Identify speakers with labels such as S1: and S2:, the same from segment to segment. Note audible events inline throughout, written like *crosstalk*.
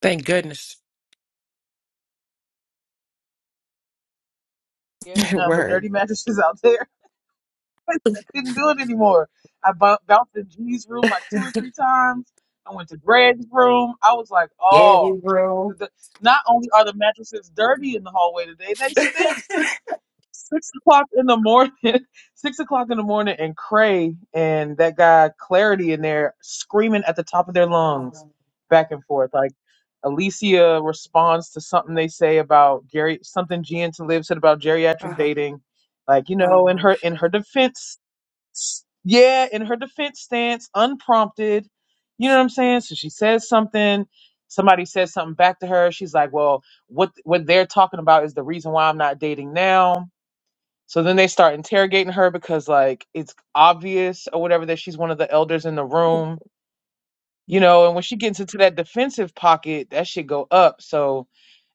S1: Thank goodness.
S2: Yeah, they nothing but dirty *laughs* mattresses out there. *laughs* I couldn't do it anymore. I bu- bounced in G's room like two or three times. I went to Greg's room. I was like,
S1: Yay,
S2: oh,
S1: bro.
S2: the, not only are the mattresses dirty in the hallway today, they stink six o'clock in the morning, *laughs* six o'clock in the morning, and Cray and that guy Clarity in there screaming at the top of their lungs,
S1: Um,
S2: back and forth. Like Alicia responds to something they say about Gary, something Gian to live said about geriatric
S1: uh,
S2: dating. Like you know, in
S1: oh,
S2: her in her
S1: shit.
S2: defense, yeah, in her defense stance, unprompted. You know what I'm saying? So she says something. Somebody says something back to her. She's like, "Well, what what they're talking about is the reason why I'm not dating now." So then they start interrogating her because like it's obvious or whatever that she's one of the elders in the
S1: *laughs*
S2: room, you know, and when she gets into that defensive pocket, that should go up. So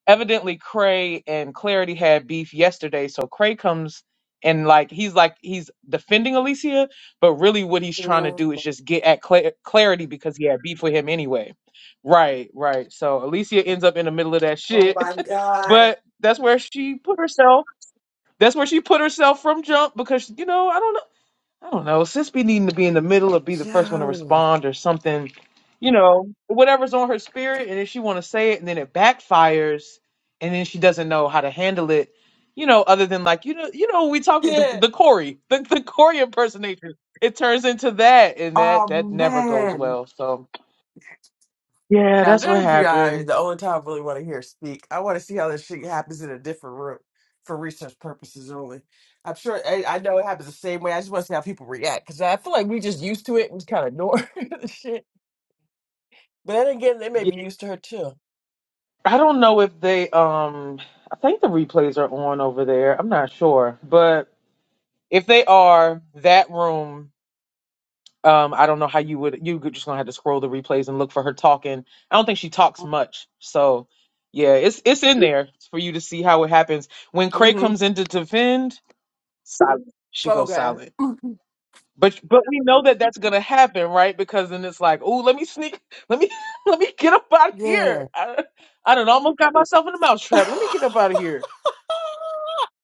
S2: evidently Cray and Clarity had beef yesterday. So Cray comes and like he's like he's defending Alicia, but really what he's trying to do is just get at Cla- Clarity because he had beef with him anyway. Right, right. So Alicia ends up in the middle of that
S1: Oh
S2: shit.
S1: my
S2: *laughs*
S1: God.
S2: but that's where she put herself that's where she put herself from jump because you know I don't know I don't know sis be needing to be in the middle or be the first one to
S1: Yo.
S2: respond or something, you know whatever's on her spirit and then she want to say it and then it backfires and then she doesn't know how to handle it, you know other than like you know you know we talk the,
S1: Yeah.
S2: the Corey the, the Corey impersonation it turns into that and that
S1: Oh,
S2: that never goes
S1: man.
S2: well so yeah
S1: Now,
S2: that's what
S1: that'd be uh,
S2: happened
S1: the only time I really want to hear speak. I want to see how this shit happens in a different room for research purposes only. I'm sure, I, I know it happens the same way. I just want to see how people react because I feel like we just used to it and kind of ignore *laughs* the shit. But then again, they may
S2: yeah
S1: be used to her too.
S2: I don't know if they um I think the replays are on over there I'm not sure but. If they are that room, um, I don't know how you would. You could- just gonna have to scroll the replays and look for her talking. I don't think she talks much, so yeah, it's it's in there for you to see how it happens when Cray
S1: Mm
S2: comes in to defend. Silent.
S1: hmm.
S2: She goes
S1: Okay.
S2: silent. But but we know that that's gonna happen, right? Because then it's like, oh, let me sneak, let me *laughs* let me get up out of here.
S1: Yeah.
S2: I, I do almost got myself in a mousetrap. Let me get up out of
S1: *laughs*
S2: here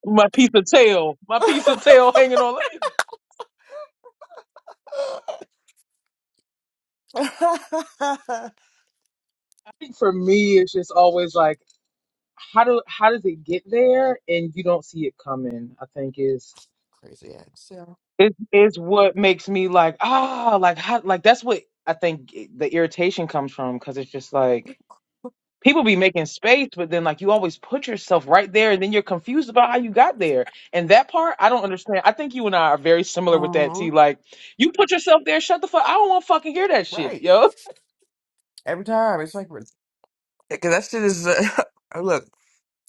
S2: my piece of tail,
S1: *laughs*
S2: my piece of tail hanging on. Let me. I think For me, it's just always like how do how does it get there and you don't see it coming i think is
S1: Crazy ex. Yeah.
S2: is is what makes me like ah like how like that's what i think the irritation comes from because it's just like people be making space but then like you always put yourself right there and then you're confused about how you got there and that part i don't understand i think you and i are very similar with that
S1: hmm
S2: t like you put yourself there shut the fuck i don't want to fucking hear that shit
S1: Right.
S2: yo
S1: Every time. It's like, because that shit is, uh, *laughs* oh, look,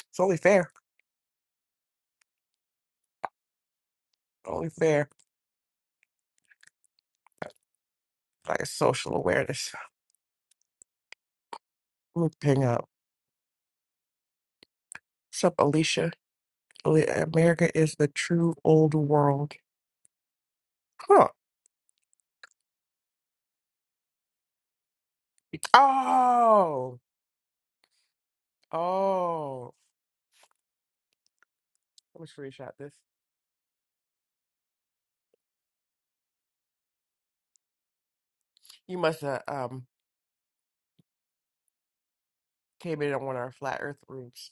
S1: it's only fair. Only fair. Like a social awareness. Look, ping up. What's up, Alicia? Ali- America is the true old world. Huh. Oh. Oh. Let me screenshot this. You must have um came in on one of our flat earth rooms.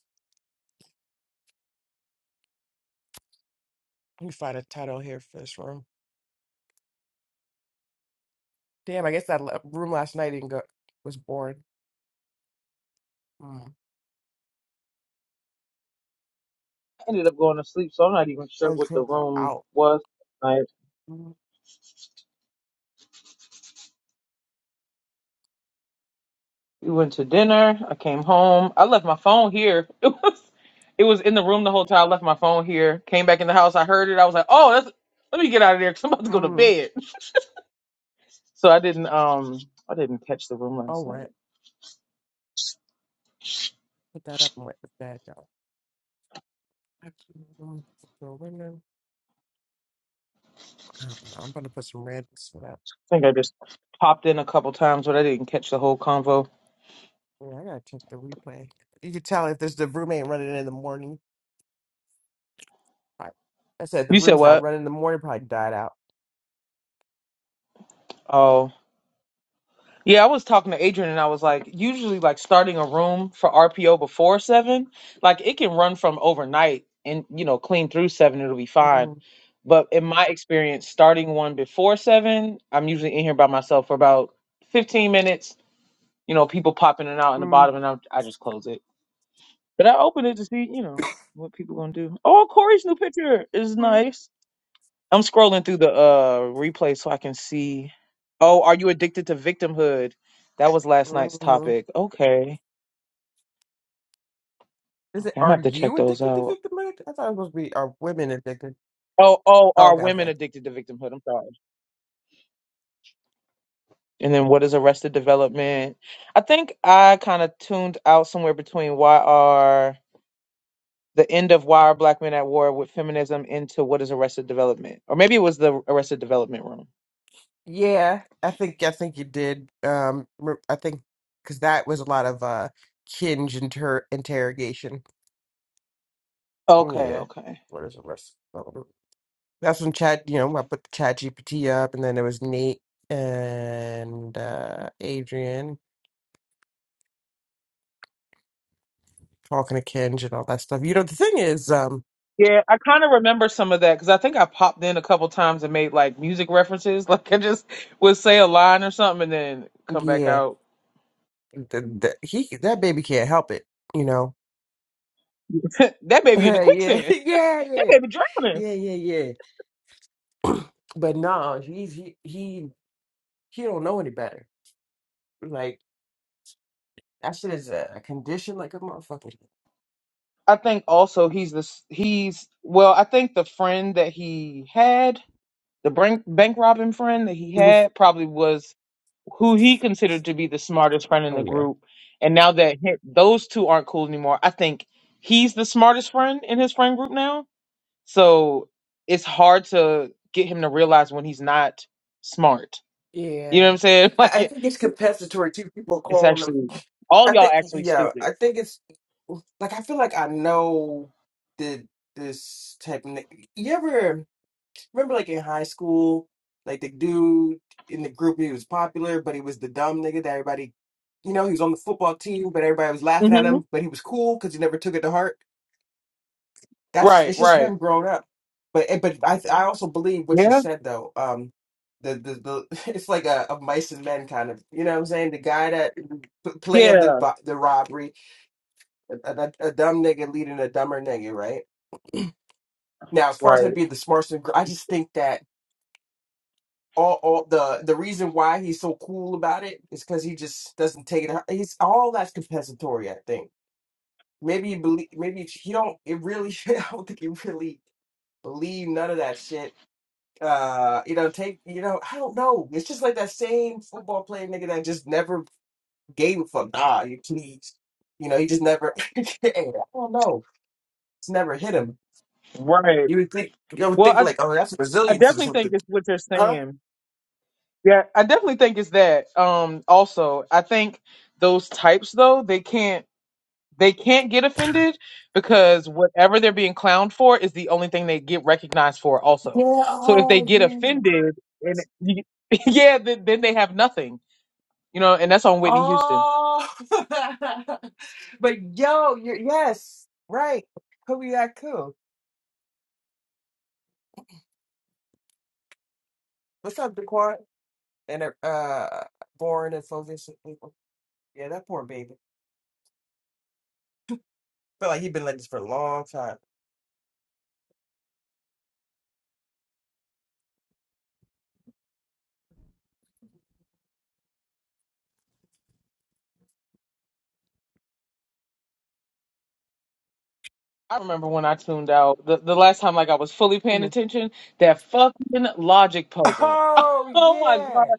S1: Let me find a title here for this room. Damn, I guess that le- room last night didn't go was boring. Mm.
S2: i ended up going to sleep so i'm not even
S1: I
S2: sure
S1: was
S2: what the
S1: gonna go
S2: room
S1: out.
S2: was
S1: Mm.
S2: We went to dinner. I came home. I left my phone here. *laughs* It was it was in the room the whole time. I left my phone here. Came back in the house. I heard it. I was like, oh, that's let me get out of there because I'm about to go to
S1: Mm.
S2: bed. *laughs* So I didn't um I didn't catch the room
S1: All
S2: last night.
S1: right,
S2: I
S1: put that up and went to bed, y'all. Actually, Mm. So women- I don't know. I'm gonna put some random for that.
S2: think I just popped in a couple times, but I didn't catch the whole convo.
S1: Yeah, I gotta check the replay. You could tell if there's the room ain't running in the morning. Right. I said the
S2: You said
S1: room's not
S2: what?
S1: running in the morning. Probably died out.
S2: Oh, Yeah, I was talking to Adrian and I was like, usually like starting a room for RPO before seven, like it can run from overnight and you know, clean through seven, it'll be fine.
S1: Mm.
S2: But in my experience, starting one before seven, I'm usually in here by myself for about 15 minutes, you know, people popping in and out in the bottom
S1: Mm.
S2: and I, I just close it. But I open it to see, you know, what people gonna do. Oh, Corey's new picture is
S1: Mm.
S2: nice. I'm scrolling through the uh replay so I can see. Oh, are you addicted to victimhood? That was last night's
S1: Mhm.
S2: topic. Okay.
S1: Is
S2: Okay,
S1: it?
S2: I'm gonna
S1: Are
S2: have to check
S1: you
S2: those
S1: addicted to
S2: out.
S1: victim? I thought it was supposed to be are women addicted.
S2: Oh, oh,
S1: Oh,
S2: are
S1: okay, okay.
S2: women addicted to victimhood? I'm sorry. And then what is arrested development? I think I kind of tuned out somewhere between why are the end of why are black men at war with feminism into what is arrested development? Or maybe it was the arrested development room.
S1: Yeah, I think I think you did. Um, re- I think because that was a lot of uh Kinge inter interrogation.
S2: Okay,
S1: Yeah,
S2: okay.
S1: what is the rest? um, That's when Chat, you know, I put Chat GPT up, and then there was Nate and uh Adrian talking to Kinge and all that stuff. You know, the thing is, um,
S2: Yeah, I kind of remember some of that because I think I popped in a couple times and made like music references. *laughs* Like I just would say a line or something and then come back
S1: yeah,
S2: out.
S1: the, the, he that baby can't help it. You know,
S2: *laughs* that
S1: *laughs*
S2: baby in the
S1: yeah, yeah,
S2: quicksand. That
S1: yeah,
S2: baby drowning.
S1: yeah, yeah, yeah. But no, he's he he he don't know any better. Like. That shit is a, a condition like a motherfucker. *laughs*
S2: I think also he's this. He's well. I think the friend that he had, the bank bank robbing friend that he
S1: Mhm.
S2: had, probably was who he considered to be the smartest friend in the
S1: Oh yeah.
S2: group. And now that he- those two aren't cool anymore, I think he's the smartest friend in his friend group now So it's hard to get him to realize when he's not smart. You know what
S1: Yeah.
S2: I'm saying? *laughs* Like
S1: I, I
S2: it,
S1: think it's compensatory too. People
S2: it's
S1: calling them
S2: actually all
S1: I
S2: y'all
S1: think
S2: actually
S1: yeah,
S2: stupid.
S1: I think it's like I feel like I know the this technique. you ever remember like in high school, like the dude in the group he was popular, but he was the dumb nigga that everybody you know, he was on the football team, but everybody was laughing at
S2: hmm
S1: him, but he was cool because he never took it to heart. that's
S2: Right,
S1: it's just
S2: right.
S1: him grown up. But it- but I th- I also believe what you
S2: Yeah,
S1: said though. Um, the the, the *laughs* it's like a, a mice and men kind of you know what I'm saying. The guy that mm, p- planned the
S2: yeah.
S1: bu- the robbery, a, a, a dumb nigga leading a dumber nigga, right? Now as far as him
S2: Right,
S1: being the smartest, nigga, I just think that all all the the reason why he's so cool about it is because he just doesn't take it. He's all that's compensatory. I think maybe he believe maybe he don't. It really *laughs* I don't think he really believe none of that shit uh, you know, take, you know, I don't know. It's just like that same football player nigga that just never gave a fuck. Nah, you please. You know, he just never, *laughs* I don't know. It's never hit him.
S2: right.
S1: You would think, you would
S2: Well,
S1: think
S2: I
S1: like, oh, that's
S2: I
S1: resilience or
S2: definitely think
S1: something.
S2: it's what you're
S1: Huh?
S2: saying. Yeah, I definitely think it's that. Um, also, I think those types though they can't. they can't get offended because whatever they're being clowned for is the only thing they get recognized for also
S1: Yeah,
S2: so if they
S1: oh,
S2: get
S1: yeah.
S2: offended and you- *laughs* yeah then, then they have nothing you know and that's on whitney houston
S1: Oh, *laughs* but yo, you're, yes, right. Who be that cool? What's up, Daquan? And uh, born and Fovish. Yeah, that poor baby. Feel like he been like this for a long time.
S2: i remember when i tuned out the, the last time like i was fully paying attention that fucking logic puzzle *laughs*
S1: Oh
S2: oh my god
S1: yeah.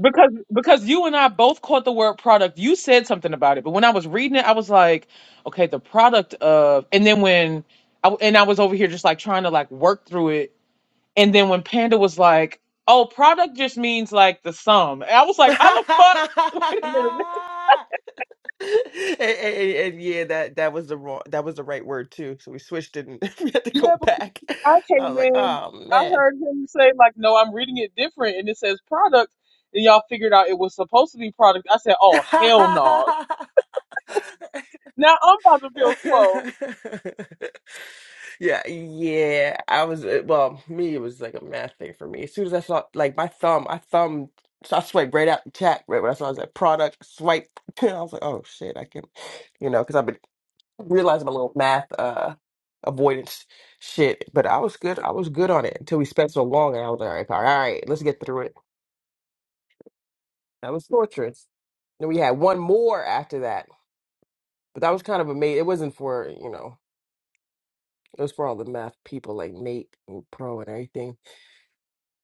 S2: Because because you and I both caught the word product. You said something about it, but when I was reading it, I was like, okay, the product of. And then when I and I was over here just like trying to like work through it, and then when Panda was like, oh, product just means like the sum. And I was
S1: *laughs*
S2: like, how the fuck? *laughs* Wait a minute.
S1: and, and- and and yeah, that that was the wrong, that was the right word too. So we switched it, and *laughs* we had to
S2: Yeah,
S1: go
S2: because
S1: back.
S2: I
S1: I
S2: came
S1: was like,
S2: in,
S1: oh
S2: I
S1: man.
S2: heard him say like, no, I'm reading it different, and it says product, and y'all figured out it was supposed to be product. I said, oh hell no.
S1: *laughs*
S2: Now I'm about to feel slow.
S1: yeah, yeah. I was uh, well, me. It was like a math thing for me. As soon as I saw like my thumb, I thumb. So I swiped right out the chat right when I saw it was that product swipe. *laughs* I was like, oh shit, I can, you know, because I've been realize my little math uh avoidance shit, but I was good. I was good on it until we spent so long, and I was like, all right, all right, let's get through it. That was torturous. Then we had one more after that, but that was kind of a mate. It wasn't for you know, it was for all the math people like Nate and Pro and everything.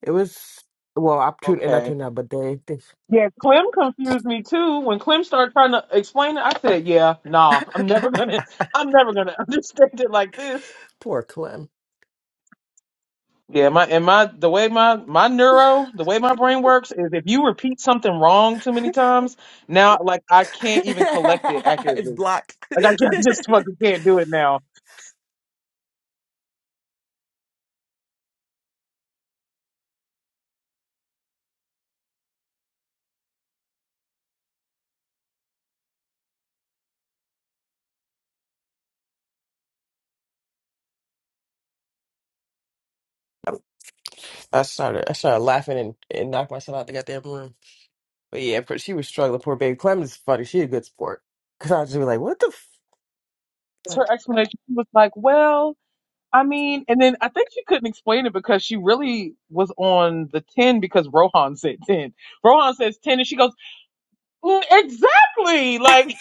S1: It was well, I tuned and I
S2: Okay.
S1: tuned out, but they, they
S2: Yeah, Clem confused me too. When Clem started trying to explain it, I said, "Yeah, nah, I'm never gonna, I'm never gonna *laughs* understand it like this."
S1: poor Clem.
S2: Yeah, my and my the way my my
S1: *laughs*
S2: neuro, the way my brain works is if you repeat something wrong too many times, now like I can't even collect it
S1: it's
S2: accurately.
S1: blocked. *laughs*
S2: Like I just, *laughs* just fucking can't do it now.
S1: I started. I started laughing and, and knocked myself out the goddamn room. But yeah, but she was struggling. Poor baby Clem is funny. She a good sport. Cause I was just be like, what the
S2: her explanation. was like, "Well, I mean," and then I think she couldn't explain it because she really was on the ten because Rohan said ten. Rohan says ten, and she goes. Mm, Exactly. Like,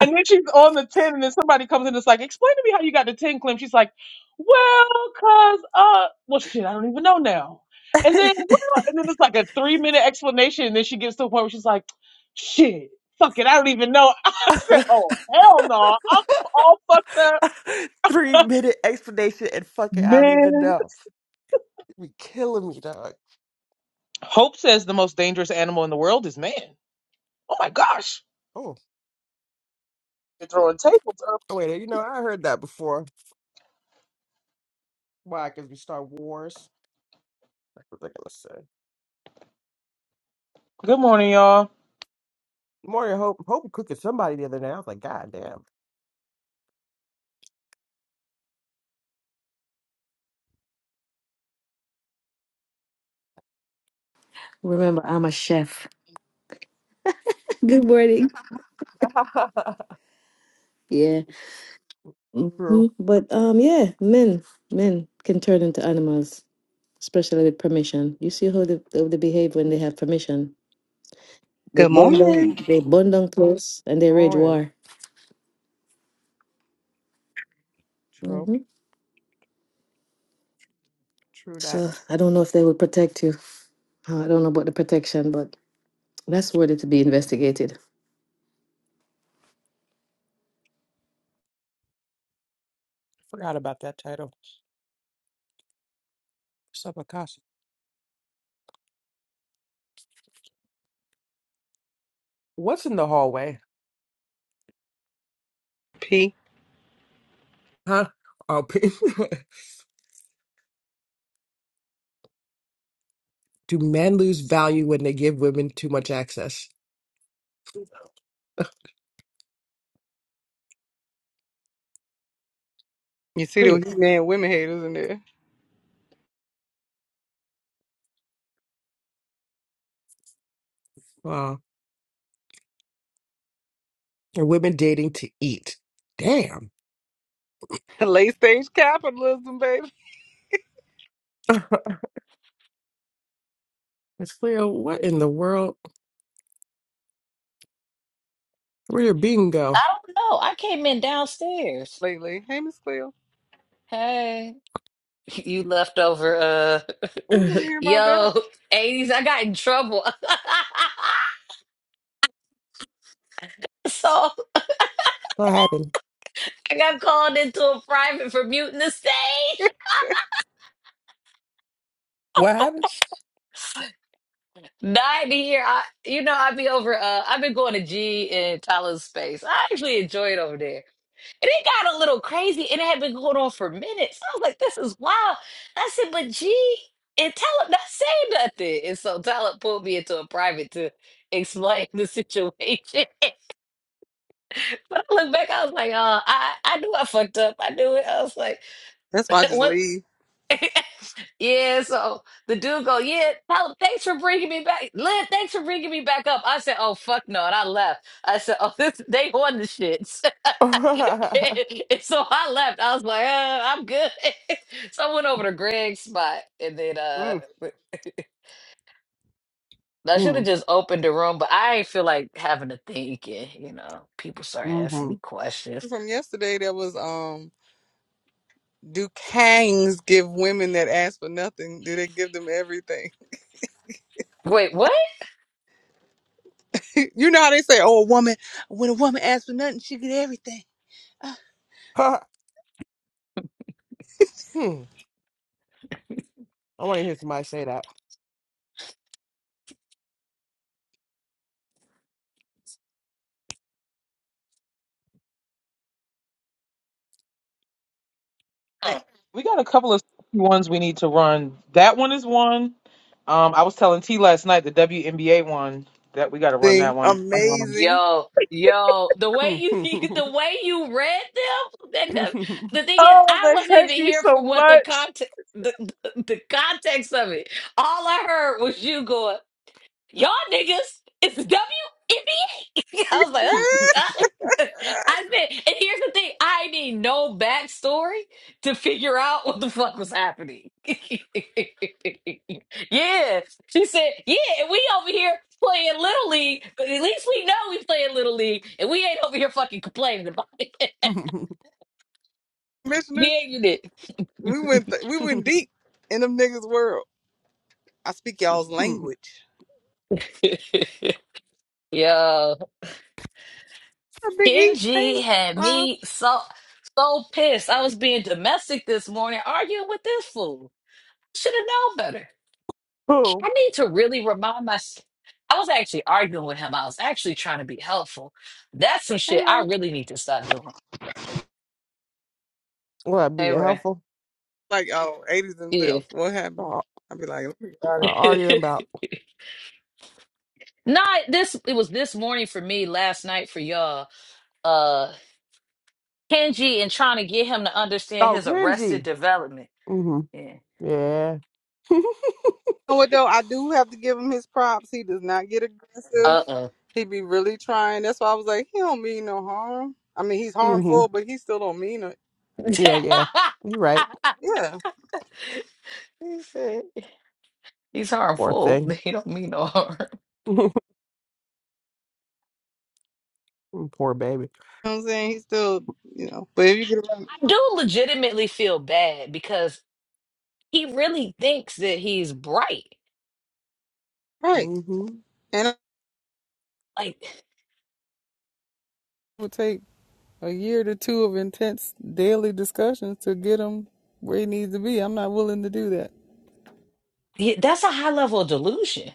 S2: and then she's on the 10, and then somebody comes in and it's like, explain to me how you got the 10 claim. She's like, well, cause, uh, well, shit, I don't even know now. And then, well, and then it's like a three minute explanation. And then she gets to the point where she's like, shit, fuck it, I don't even know. *laughs* I said,
S1: f-?
S2: oh, hell no. I'm all fucked up.
S1: like *laughs* three minute explanation and fucking I don't even
S2: Man.
S1: know. You be killing me, dog.
S2: Hope says the most dangerous animal in the world is man. Oh my gosh.
S1: Oh,
S2: You're throwing tables up.
S1: oh wait, you know I heard that before. Why? Cause we Star wars. That's what I are gonna say.
S2: Good morning, y'all.
S1: Morning, hope hope cooking somebody the other day. I was like, God damn.
S3: Remember, I'm a chef. *laughs* Good morning. Yeah. hmm
S1: True.
S3: But um, yeah, men men can turn into animals, especially with permission. You see how they, how they behave when they have permission. They
S4: Good
S3: bond down,
S4: morning,
S3: they bond down close, and they rage
S1: Morning.
S3: war.
S1: True.
S3: hmm So I don't know if they will protect you. Uh, I don't know about the protection, but that's worthy to be investigated.
S1: Forgot about that title. Subacasa. What's in the hallway?
S4: P.
S1: Huh? Oh, *laughs* Do men lose value when they give women too much access?
S4: You see those man women haters in there.
S1: Wow. And women dating to eat. Damn.
S4: *laughs* Late stage capitalism, baby.
S1: Ah, It's clear. What in the world? Where your bean
S5: I
S1: go?
S5: don't know. I came in downstairs.
S4: Lately. Hey, Miss Cleo.
S5: Hey, *laughs* you left over. Uh,
S4: I don't want to
S5: *laughs*
S4: hear about that.
S5: yo, 80s. I got in trouble. *laughs* so
S1: What happened?
S5: I got called into a private for muting the stage.
S1: What happened?
S5: 90 here. I, you know, I'd be over. Uh, I've been going to G in Tyler's space. I actually enjoy it over there. And it got a little crazy and it had been going on for minutes. I was like, this is wild. I said, but gee, and Talib not saying nothing. And so Talib pulled me into a private to explain the situation. *laughs* But I look back, I was like, oh, I, I knew I fucked up. I knew it. I was like,
S4: That's why I
S5: *laughs*
S4: just
S5: what?
S4: leave.
S5: *laughs* Yeah, so the dude go, yeah, tell- thanks for bringing me back. Lynn, thanks for bringing me back up. I said, oh, fuck no. And I left. I said, oh, *laughs* this, they on the shits.
S1: *laughs* mm,
S5: *laughs* and so I left. I was like, uh, I'm good. *laughs* so I went over to Greg's spot and then uh,
S4: Mm.
S5: *laughs* I should have just opened the room, but I ain't feel like having to think. And, you know, people start asking
S1: mm-hmm.
S5: me questions.
S4: From yesterday, there was um, do kangs give women that ask for nothing? Do they give them everything?
S5: Wait, what?
S4: *laughs* you know how they say, oh, a woman, when a woman asks for nothing, she get everything.
S1: Ha, hmm. I want to hear somebody say that. *laughs*
S4: That
S2: We got a couple of ones we need to run. That one is one. Um, I was telling T last night the WNBA one that we got to run that
S4: Thing
S2: one. Um,
S4: amazing.
S5: Yo, yo, the
S1: Hmm,
S5: way you
S1: hmm,
S5: *laughs*
S1: hmm,
S5: the way you read them, and the, the thing is,
S2: Oh,
S5: I
S2: they
S5: wasn't
S2: hate
S5: even
S2: me
S5: here
S2: so
S5: for what the
S2: much.
S5: context the, the the context of it. All I heard was you going, Y'all niggas, it's WNBA. *laughs* I was like, uh,
S1: hmm, hmm,
S4: *laughs*
S5: uh. *laughs* I said, and here's the thing, I need no backstory to figure out what the fuck was happening. *laughs* yeah. She said, yeah, and we over here playing Little League, but at least we know we playing Little League, and we ain't over here fucking complaining about it. *laughs*
S4: Commissioner,
S5: yeah, you
S4: we went th- we went
S1: hmm,
S4: deep in them niggas' world. I speak y'all's
S1: hmm, hmm.
S4: language.
S5: did. *laughs* Yo.
S4: Hey, Big E, hey,
S5: Kenji had
S4: Lon,
S5: me so so pissed. I was being domestic this morning, arguing with this fool. Should have known better. I
S1: Who? Will
S5: need to really remind myself. I was actually arguing with him. I was actually trying to be helpful. That's some
S4: hey,
S5: shit I
S4: Ray.
S5: really need to stop doing.
S1: that be
S5: Hey Ray.
S1: helpful?
S4: Like, oh, 80s and
S5: Yeah.
S4: left. What happened?
S1: Oh,
S4: I'd be like, let me get out of here. You
S5: *laughs*
S1: arguing about.
S5: Not this it was this morning for me, last night for y'all. Uh Kenji and trying to get him to understand
S1: Oh,
S5: his arrested
S1: Kenji.
S5: development.
S1: hmm
S5: Yeah.
S1: Yeah. *laughs*
S4: know what, though? I do have to give him his props. He does not get aggressive.
S5: Uh.
S4: He be really trying. That's why I was like, he don't mean no harm. I mean, he's
S1: hmm
S4: harmful, but he still don't mean it.
S1: Yeah, yeah. You're right.
S5: Uh-uh.
S4: Yeah. You
S5: *laughs* *laughs* *laughs* He's
S1: Poor
S5: harmful. *laughs*
S1: thing.
S5: He don't mean no harm.
S1: *laughs* Poor baby.
S4: know what I'm saying? He still, you know, but if you get around,
S5: I do legitimately feel bad because he really thinks that he's bright.
S4: right.
S1: hmm
S4: And it
S5: Like,
S4: would take a year to two of intense daily discussions to get him where he needs to be. I'm not willing to do that.
S5: he- that's a high level of delusion.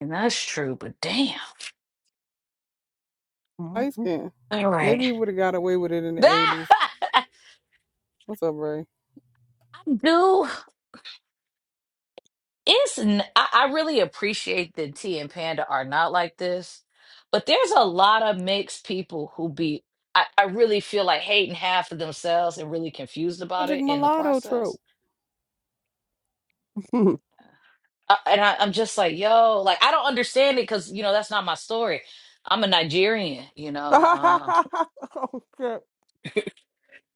S5: And that's true, but damn.
S4: Light
S1: Mhm.
S4: skin.
S5: All
S4: Maybe
S5: right.
S4: he would have got away with it in the
S5: That
S4: 80s.
S5: *laughs*
S4: What's up, Ray?
S5: dude, it's, n- I, I really appreciate that T and Panda are not like this, but there's a lot of mixed people who be, I, I really feel like hating half of themselves and really confused about
S4: Magic
S5: it in the
S4: mulatto
S5: process.
S4: trope.
S1: *laughs*
S5: I, and I, I'm just like, yo, like I don't understand it because you know that's not my story. I'm a Nigerian, you know. Um,
S1: oh shit.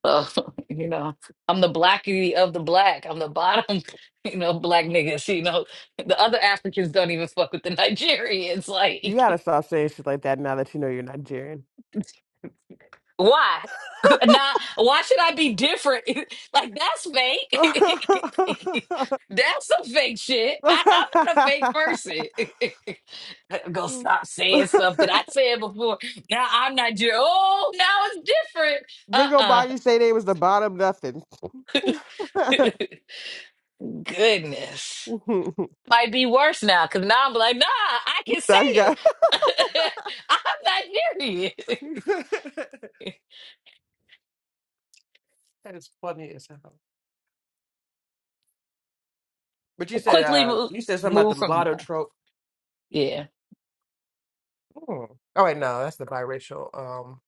S5: so, *laughs* you know, I'm the blacky of the black. I'm the bottom, *laughs* you know, black niggas. You know, the other Africans don't even fuck with the Nigerians. *laughs*
S1: You
S5: Like,
S1: gotta stop saying shit like that now that you know you're Nigerian.
S5: Why? *laughs* Nah. why should I be different? *laughs* like that's
S1: *laughs*
S5: fake. *laughs* that's some fake shit. I, I'm not a fake person. *laughs* I'm gonna stop saying stuff that I said before. Now I'm not. ju- Oh, now it's different.
S1: Big old
S5: Uh-uh.
S1: body say they was the bottom nothing. *laughs*
S5: *laughs* Goodness, might be worse now because now I'm like, nah, I can say
S1: now you got
S5: it. *laughs* I'm not Nigerian.
S1: *laughs*
S5: *laughs*
S1: that is funny as hell. But you said
S5: Quickly
S1: uh
S5: move
S1: you said something about
S5: move
S1: the
S5: from
S1: mulatto trope.
S5: there.
S1: Hmm. Oh wait, no, that's the biracial. Um,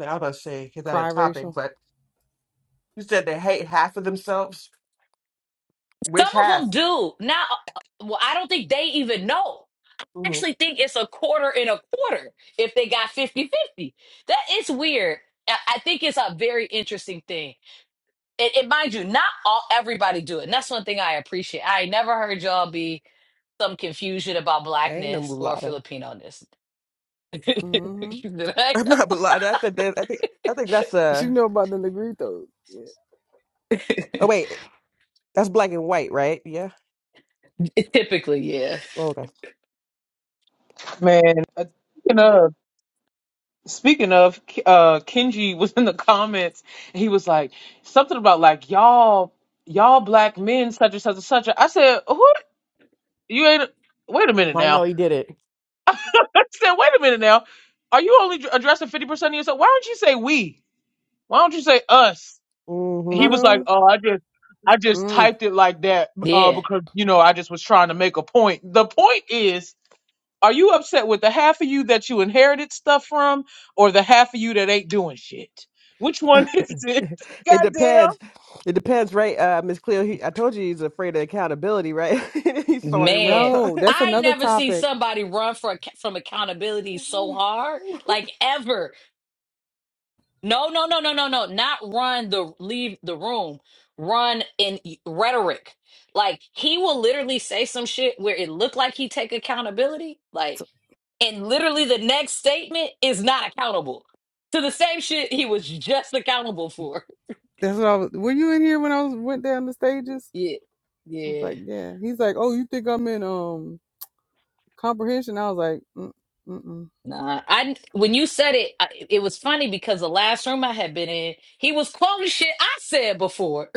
S1: I was about to say it's not a
S4: Cry
S1: topic,
S4: racial.
S1: but you said they hate half of themselves.
S5: Some
S1: Which
S5: of
S1: half?
S5: them do. Now, uh, well, I don't think they even know. I
S1: hmm
S5: actually think it's a quarter and a quarter if they got fifty-fifty. That is weird. I I think it's a very interesting thing. And, and mind you, not all everybody do it. And that's one thing I appreciate. I ain't never heard y'all be some confusion about
S1: I ain't no
S5: blackness or
S1: mulatto.
S5: Filipino ness. *laughs*
S4: Mm-hmm.
S1: *laughs* I'm not mulatto. I think that, I think I think that's
S4: She
S1: uh
S4: know about the Negritos. Yeah.
S1: oh wait, that's black and white, right? Yeah.
S5: Typically, yeah.
S1: Oh, Okay.
S2: man, speaking of, speaking of, uh, Kenji *laughs* was in the comments and he was like something about like y'all, y'all black men, such and such and such. I said, who you ain't? Wait a minute
S1: I know
S2: now.
S1: he did it.
S2: *laughs* I said, wait a minute now. Are you only addressing fifty percent of yourself? Why don't you say we? Why don't you say us? he
S1: hmm
S2: was like,
S4: Mulatto.
S2: "Oh, I just I just
S4: Mm.
S2: typed it like that uh,
S5: Yeah.
S2: because you know I just was trying to make a point." The point is, are you upset with the half of you that you inherited stuff from, or the half of you that ain't doing shit? Which one *laughs*
S1: *laughs*
S2: is it?
S1: It depends.
S2: Goddamn.
S1: It depends, right? Uh Miss Cleo, he, I told you he's afraid of accountability, right? *laughs* he saw it in real
S5: Man,
S1: time.
S4: Yo, that's
S5: I
S4: another
S5: never see
S4: topic.
S5: somebody run for, ac- from accountability so
S1: *laughs*
S5: hard, like ever. No, no, no, no, no, no. Not run the leave the room. Run in rhetoric. Like he will literally say some shit where it looked like he take accountability. Like, and literally the next statement is not accountable to the same shit he was just accountable for. *laughs*
S4: That's what I was. Were you in here when I was went down the stages?
S5: Yeah,
S4: I was
S5: yeah.
S4: like, yeah. He's like, oh, you think I'm in um comprehension? I was like, mm mm. mm.
S5: Nah, I when you said it, I, it was funny because the last room I had been in, he was quoting shit I said before.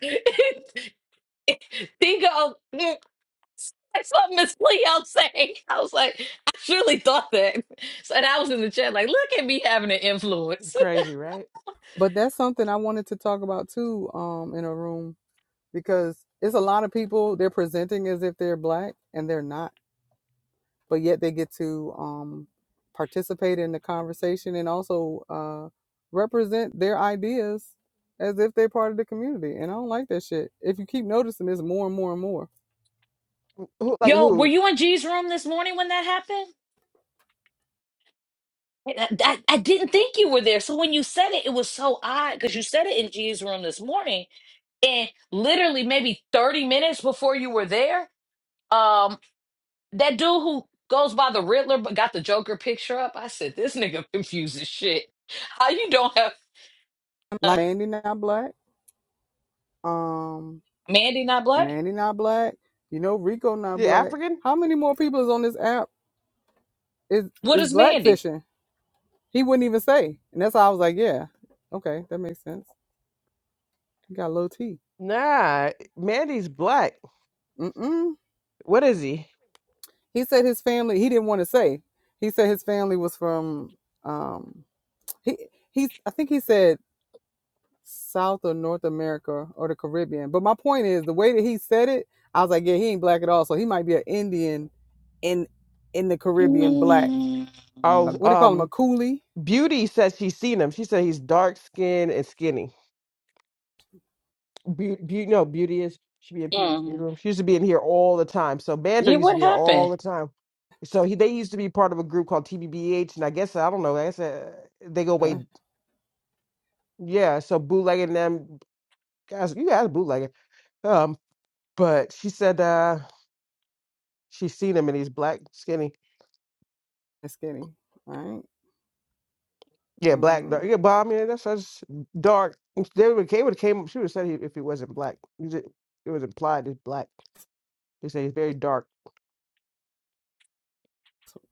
S5: *laughs* He goes, I saw Miss Leo saying, I was like, I surely thought that. So and I was in the chat like, look at me having an influence.
S1: Crazy, right?
S4: But that's something I wanted to talk about too. Um, in a room. because it's a lot of people they're presenting as if they're black and they're not, but yet they get to um, participate in the conversation and also uh, represent their ideas as if they're part of the community. And I don't like that shit. If you keep noticing this more and more and more,
S1: Who,
S5: *laughs*
S1: like
S5: Yo, were
S1: who?
S5: you in G's room this morning when that happened? I, I, I didn't think you were there. So when you said it, it was so odd because you said it in G's room this morning, and literally maybe 30 minutes before you were there, um, that dude who goes by the Riddler but got the Joker picture up, I said, this nigga *laughs* confuses shit. How you don't have
S4: Like
S5: uh,
S4: Mandy not black. Um,
S5: Mandy not black?
S4: Mandy not black. You know Rico not
S1: The
S4: black.
S1: African?
S4: How many more people is on this app is
S5: What
S4: is
S5: is Mandy?
S4: blackfishing? He wouldn't even say, and that's why I was like, yeah, okay, that makes sense. You got low T.
S1: Nah, Mandy's black.
S4: Mm-mm.
S1: What is he?
S4: He said his family. He didn't want to say. He said his family was from. Um, he he. I think he said South or North America or the Caribbean. But my point is the way that he said it, I was like, yeah, he ain't black at all. So he might be an Indian in in the Caribbean black.
S5: Mm,
S1: Oh,
S4: Uh, What do you call him? A
S1: um,
S4: coolie?
S1: Beauty says she's seen him. She said he's dark skinned and skinny.
S4: *laughs*
S1: Beauty, be, no, Beauty is she be in PhD
S5: mm.
S1: room. She used to be in here all the time. So Bando
S5: Yeah,
S1: used to
S5: what
S1: be here all
S5: happened?
S1: the time. So he, they used to be part of a group called TBBH, and I guess I don't know. I guess uh, they go way,
S4: Uh,
S1: yeah. So bootlegging them guys, you guys bootlegging. Um, but she said uh she's seen him and he's black, skinny.
S4: That's skinny. All right.
S1: Yeah, black dark.
S4: Mm-hmm.
S1: Yeah, but I mean that's that's dark. They would came would came. She would have said he, if he wasn't black. You ju- it was implied it's black. They say he's very dark.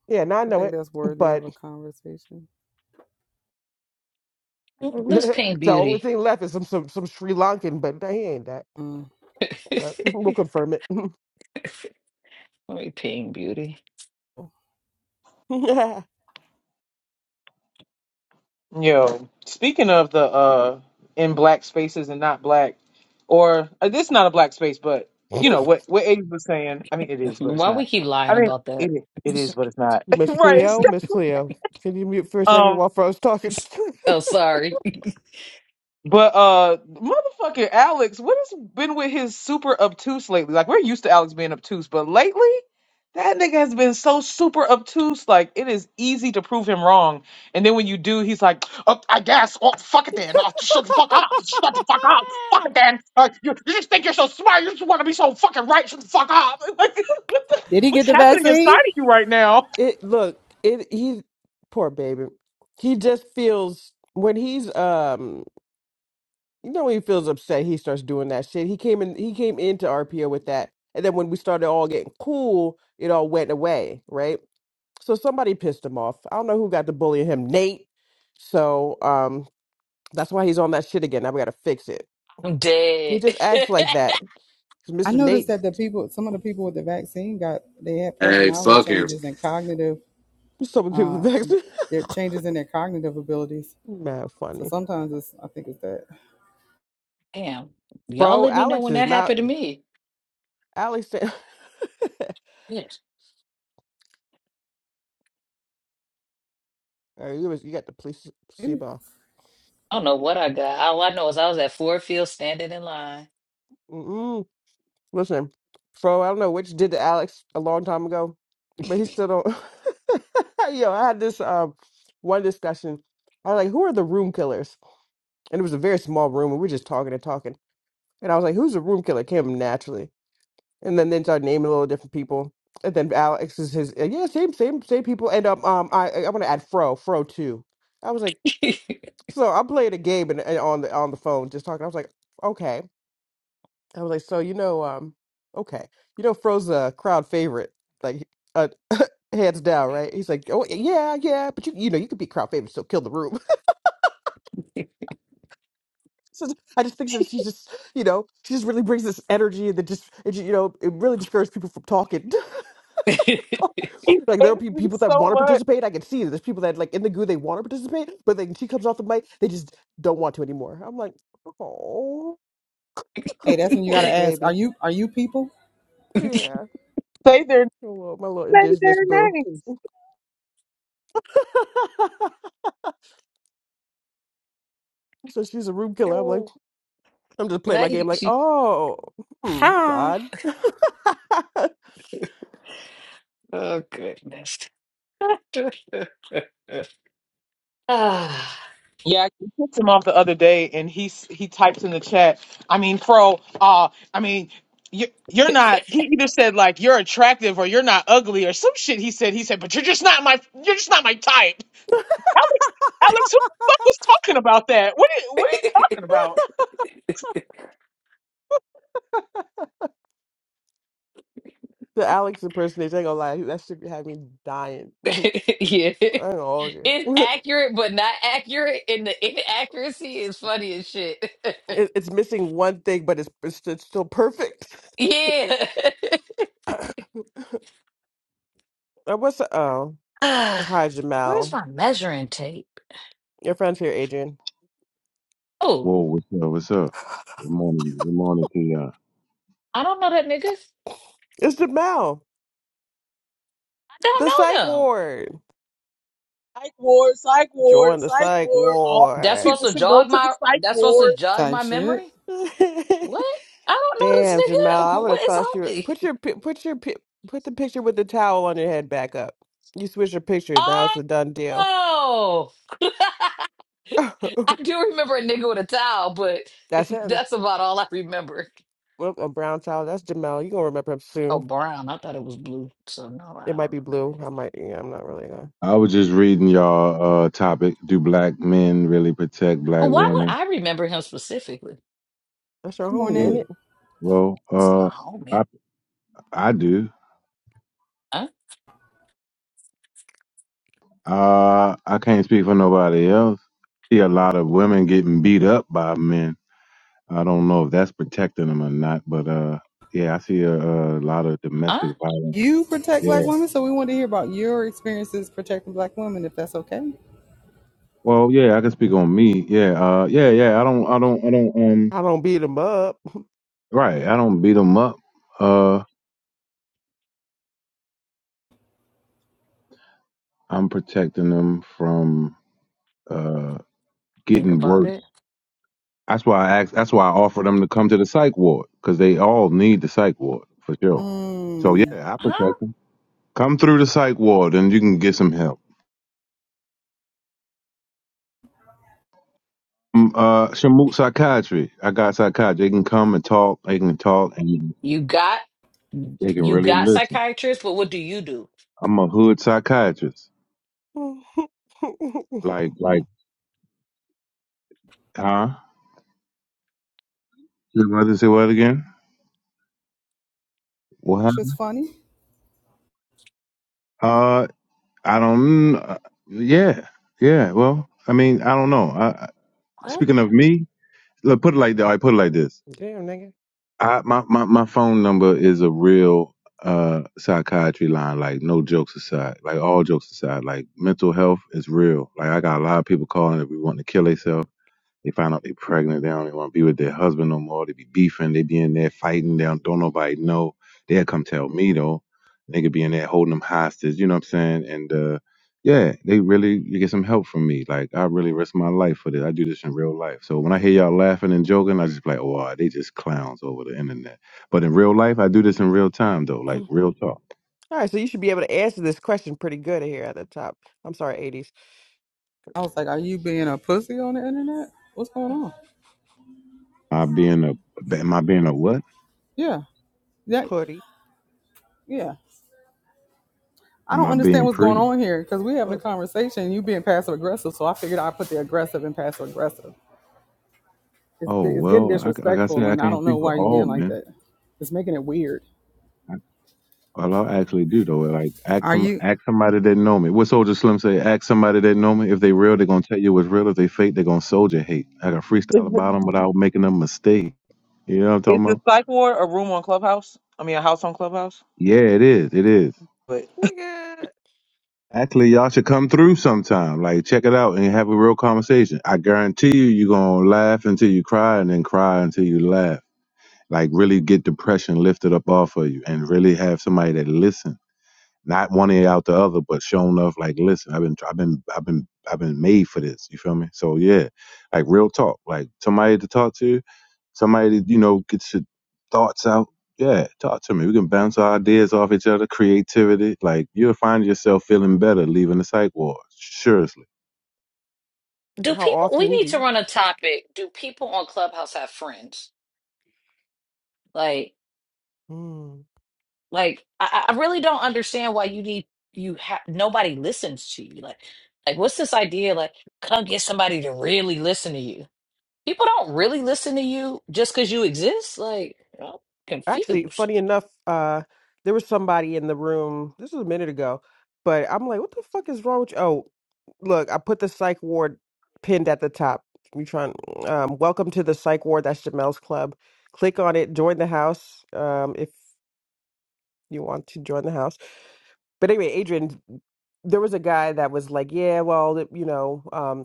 S1: Yeah, now I
S4: I
S1: know
S4: think
S1: it.
S4: that's worthy
S1: But
S4: of a conversation.
S1: *laughs*
S5: Let's
S1: the
S5: paint
S1: only
S5: beauty.
S1: thing left is some some some Sri Lankan. But nah, he ain't that.
S4: Mm.
S5: *laughs*
S1: But
S5: Let
S1: we'll confirm it.
S5: me ping beauty.
S1: *laughs*
S2: Yo, speaking of the uh in black spaces and not black, or uh, this is not a black space, but you know what what Abe was saying. I mean, it is, but it's
S5: Why
S2: not.
S5: we keep lying
S2: I mean,
S5: about that?
S2: it
S5: *laughs*
S2: it is, but it's not.
S1: Miss
S2: *laughs*
S1: Cleo, Miss Cleo, can you mute for a second
S2: right.
S1: while Fro's talking?
S5: oh, sorry.
S2: But uh motherfucking Alex, what has been with his super obtuse lately? Like we're used to Alex being obtuse, but lately that nigga has been so super obtuse, like it is easy to prove him wrong. And then when you do, he's like, oh,
S1: *laughs*
S2: God, shut the fuck up,
S1: *laughs*
S2: fuck again. Uh, you, you just think you're so smart, you just want to be so fucking right, shut the fuck up. *laughs* Like, what the,
S4: Did he
S2: what's
S4: get the
S2: happening
S4: vaccine?
S2: inside of you right now? *laughs*
S1: It look, it he poor baby. He just feels when he's um you know when he feels upset, he starts doing that shit. He came in he came into RPO with that. And then when we started all getting cool, it all went away, right? So somebody pissed him off. I don't know who got to bully him, Nate. So um that's why he's on that shit again. Now we gotta fix it.
S5: I'm
S1: He
S5: dead.
S1: just acts like that. 'Cause
S4: I
S1: Mr.
S4: noticed
S1: Nate,
S4: that the people, some of the people with the vaccine got, they had
S6: Hey,
S4: personality
S6: fucking.
S4: changes and cognitive,
S1: so many people
S4: uh,
S1: vexed. *laughs*
S4: their changes in their cognitive abilities.
S1: Man,
S4: So
S1: funny.
S4: sometimes it's, I think it's that.
S5: *laughs* Damn. Y'all
S1: Bro,
S5: let me know
S1: Alex
S5: when
S1: is
S5: that
S1: not
S5: happened to me.
S1: Alex. *laughs*
S5: Yes.
S1: Uh, you was you got the place- placebo.
S5: I don't know what I got. All I know is I was at Ford Field standing in line.
S1: Mm-mm. Listen, Fro, I don't know which did to Alex a long time ago, but he still don't. *laughs* Yo, I had this um one discussion. I was like, "Who are the room killers?" And it was a very small room, and we were just talking and talking. And I was like, "Who's the room killer?" Came naturally, and then then started naming a little different people. And then Alex is his, and yeah, same same same people. And um, um I I want to add Fro, Fro too. I was like,
S5: *laughs*
S1: so I'm playing a game and, and on the on the phone, just talking. I was like, okay. I was like, so you know, um, okay, you know, Fro's a crowd favorite, like uh, *laughs* hands down, right? He's like, oh yeah, yeah, but you, you know, you could be crowd favorite, still kill the room. *laughs* so I just think that she just, you know, she just really brings this energy that just, it, you know, it really discourages people from talking. *laughs*
S2: He
S1: like there'll
S2: hates
S1: be
S2: me
S1: people that
S2: so
S1: want to
S2: much.
S1: participate. I can see that there's people that like in the goo they want to participate, but then she comes off the mic, they just don't want to anymore. I'm like, oh,
S4: Hey, that's when you
S1: poor
S4: gotta ask, are
S1: baby,
S4: you, are you people?
S1: yeah,
S2: Say their
S1: my little, my little
S2: say their
S1: indigenous boo.
S2: names.
S1: *laughs* So she's a room killer. I'm like, I'm just playing my game.
S5: right?
S1: Like,
S5: She,
S1: oh, hmm, it's odd. *laughs* the
S5: oh, goodness. *laughs* ah.
S2: Yeah, I kicked him off the other day, and he s- he types in the chat. I mean, Fro, uh, I mean, you, you're not. He either said like you're attractive or you're not ugly or some shit. He said he said, but you're just not my you're just not my type. Alex, Alex, who the fuck was talking about that? What are, what are
S5: *laughs*
S2: you talking about?
S1: Alex impersonation, I ain't gonna lie, that should be having me dying.
S5: *laughs*
S1: *laughs* I ain't
S5: yeah.
S1: gonna hold you.
S5: It's
S1: *laughs*
S5: accurate, but not accurate, and the inaccuracy is funny as shit.
S1: it, it's missing one thing, but it's it's, it's still perfect.
S5: *laughs* yeah. *sighs* *laughs*
S1: *coughs* Uh, What's oh,
S5: Ah,
S1: hi
S5: Where's
S1: Jamal.
S5: my measuring tape?
S1: Your friend's here, Adrian.
S5: Oh,
S7: Whoa, what's up? What's up? Good morning. Good morning to y'all.
S5: I don't know that nigga. I
S1: It's Jamal,
S5: don't
S1: the psych
S5: know him.
S1: ward.
S2: Psych ward, psych ward,
S1: Join the
S2: psych
S1: psych
S2: ward. All
S5: That's
S1: ward.
S5: supposed
S2: people
S5: to
S2: should go
S5: jog
S2: to the
S5: my.
S2: psych
S5: That's supposed to
S2: ward.
S5: jog
S4: Type
S5: my
S4: shit.
S5: memory.
S1: *laughs*
S5: What? I don't know
S1: Damn, Jamel,
S5: this
S1: I
S5: nigga.
S1: would
S5: What
S1: have
S5: is
S1: thought you
S5: on
S1: were,
S5: me?
S1: put your pi- put your pi- put the picture with the towel on your head back up. You switch your picture. Now it's a done deal.
S5: Oh, *laughs* I
S1: *laughs*
S5: do remember a nigga with a towel, but *laughs*
S1: That's him.
S5: that's about all I remember.
S1: Well, a brown towel. That's Jamel. You gonna remember him
S5: Oh,
S1: soon.
S5: brown. I thought it was blue. So no,
S1: It
S5: I don't
S1: might
S5: know
S1: be
S5: that
S1: blue.
S5: nigga.
S1: I might. Yeah, I'm not really gonna.
S7: I was just reading y'all uh topic. Do black men really protect black
S5: But why would
S7: women?
S5: I remember him specifically?
S1: That's your
S4: Good
S1: homie, ain't
S7: Yeah.
S4: morning.
S1: it?
S7: Well,
S5: It's my
S7: uh
S5: homie.
S7: I I do.
S5: Huh?
S7: Uh I can't speak for nobody else. See a lot of women getting beat up by men. I don't know if that's protecting them or not, but uh yeah, I see a, a lot of
S5: Huh?
S7: domestic violence.
S4: You protect
S7: Yeah.
S4: black women, so we want to hear about your experiences protecting black women, if that's okay.
S7: Well, yeah, I can speak on me. Yeah. Uh yeah, yeah. I don't I don't I don't um
S1: I don't beat him up. *laughs*
S7: right, I don't beat them up. Uh. I'm protecting them from uh,
S5: Think
S7: getting
S5: about
S7: worse.
S5: it.
S7: That's why I asked. That's why I offered them to come to the psych ward because they all need the psych ward for sure. So yeah,
S4: Mm,
S7: I
S5: Huh?
S7: protect them. Come through the psych ward and you can get some help. Um, uh, Shamook psychiatry. I got psychiatry. They can come and talk. They can talk and
S5: You got
S7: they can
S5: you
S7: really
S5: got
S7: listen.
S5: psychiatrists, but what do you do?
S7: I'm a hood psychiatrist.
S1: *laughs*
S7: Like like huh? Your mother say what again? What
S4: it's
S7: happened?
S4: just funny.
S7: Uh, I don't. kn- Yeah, yeah. Well, I mean, I don't know. I, I-
S5: What?
S7: speaking of me, look, put it like this. I put it like this.
S1: Damn, nigga.
S7: I my, my my phone number is a real uh psychiatry line. Like no jokes aside. Like all jokes aside. Like mental health is real. Like I got a lot of people calling that we want to kill themselves. They find out they pregnant. They don't even want to be with their husband no more. They be beefing. They be in there fighting. They don't, don't nobody know. They'll come tell me though. They could be in there holding them hostage. You know what I'm saying? And uh, yeah, they really you get some help from me. Like I really risk my life for this. I do this in real life. So when I hear y'all laughing and joking, I just be like, wow, they just clowns over the internet. But in real life, I do this in real time though. Like
S1: All
S7: real talk.
S1: right, so you should be able to answer this question pretty good here at the top. I'm sorry, 80s.
S4: I was like, are you being a pussy on the internet? What's going on?
S7: I being a am I being a what?
S4: Yeah. Yeah.
S1: Putty.
S4: Yeah. I
S7: Am
S4: don't
S7: I
S4: understand
S7: being
S4: what's going
S7: pretty?
S4: on here because we're having a
S1: What's
S4: conversation you being passive aggressive. So I figured i put the aggressive and passive aggressive. It's,
S7: Oh
S4: it's getting
S7: well, I, c- like I said,
S4: disrespectful
S7: I
S4: and I
S7: can't
S4: don't know
S7: speak for
S4: why you're
S7: all
S4: being like
S7: men.
S4: that. It's making it weird.
S7: Well, I actually do though. Like, ask
S4: Are
S7: some,
S4: you?
S7: ask somebody that know me. What Soldier Slim say? Ask somebody that know me. If they real, they gonna tell you what's real. If they fake, they gonna soldier hate. I can
S2: Is
S7: freestyle
S2: the,
S7: about them without making a mistake. You know what I'm
S2: is
S7: talking
S2: the
S7: about?
S2: psych ward a room on Clubhouse? I mean, a house on Clubhouse?
S7: Yeah, it is. It is.
S2: But *laughs*
S1: nigga?
S7: Actually, y'all should come through sometime. Like, check it out and have a real conversation. I guarantee you, you gonna laugh until you cry, and then cry until you laugh. Like, really get depression lifted up off of you, and really have somebody that listens. not one ear out the other, but showing enough like, listen, I've been, I've been, I've been, I've been made for this. You feel me? So yeah, like real talk, like somebody to talk to, somebody to you know get your thoughts out. Yeah, talk to me. We can bounce our ideas off each other, creativity. Like you'll find yourself feeling better leaving the psych ward. Seriously.
S5: Do
S1: How
S5: people we
S1: often
S5: need
S1: do
S5: to
S1: you?
S5: run a topic. Do people on Clubhouse have friends? Like
S1: hmm.
S5: like I, I I really don't understand why you need you have nobody listens to you. Like like what's this idea like come get somebody to really listen to you? People don't really listen to you just because you exist. Like, I'm
S1: actually
S5: confused.
S1: funny enough uh there was somebody in the room this was a minute ago but i'm like what the fuck is wrong with you oh look i put the psych ward pinned at the top you trying um welcome to the psych ward that's jamel's club click on it join the house um if you want to join the house but anyway adrian there was a guy that was like yeah well you know um,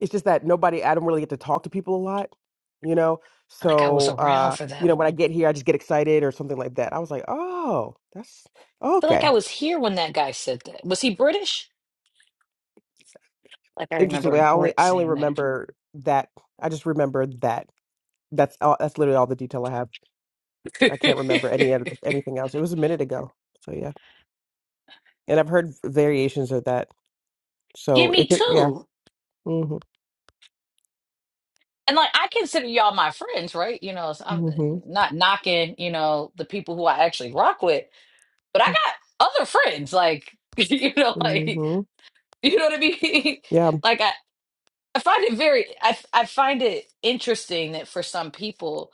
S1: it's just that nobody I don't really get to talk to people a lot, you know.
S5: Like, I was
S1: So
S5: around
S1: uh,
S5: for
S1: you
S5: that
S1: know, when I
S5: one.
S1: get here I just get excited or something like that. I was like, Oh, that's
S5: I feel like I
S1: okay.
S5: was here when that guy said that. Was he British? Like, I remember a
S1: Interestingly, I only
S5: Brit
S1: I only
S5: saying that.
S1: remember that I just remember that. That's all that's literally all the detail I have. I can't remember any other anything else. It was a minute ago. So yeah. And I've heard variations of that.
S5: *laughs* Give
S1: So
S5: me
S1: it could yeah.
S5: two.
S1: Mm-hmm.
S5: And like, I consider y'all my friends, right? You know, so I'm
S1: Mm-hmm.
S5: not knocking, you know, the people who I actually rock with, but I got other friends. Like, *laughs* you know, like,
S1: Mm-hmm.
S5: you know what I mean?
S1: Yeah.
S5: *laughs* like I, I find it very I I find it interesting that for some people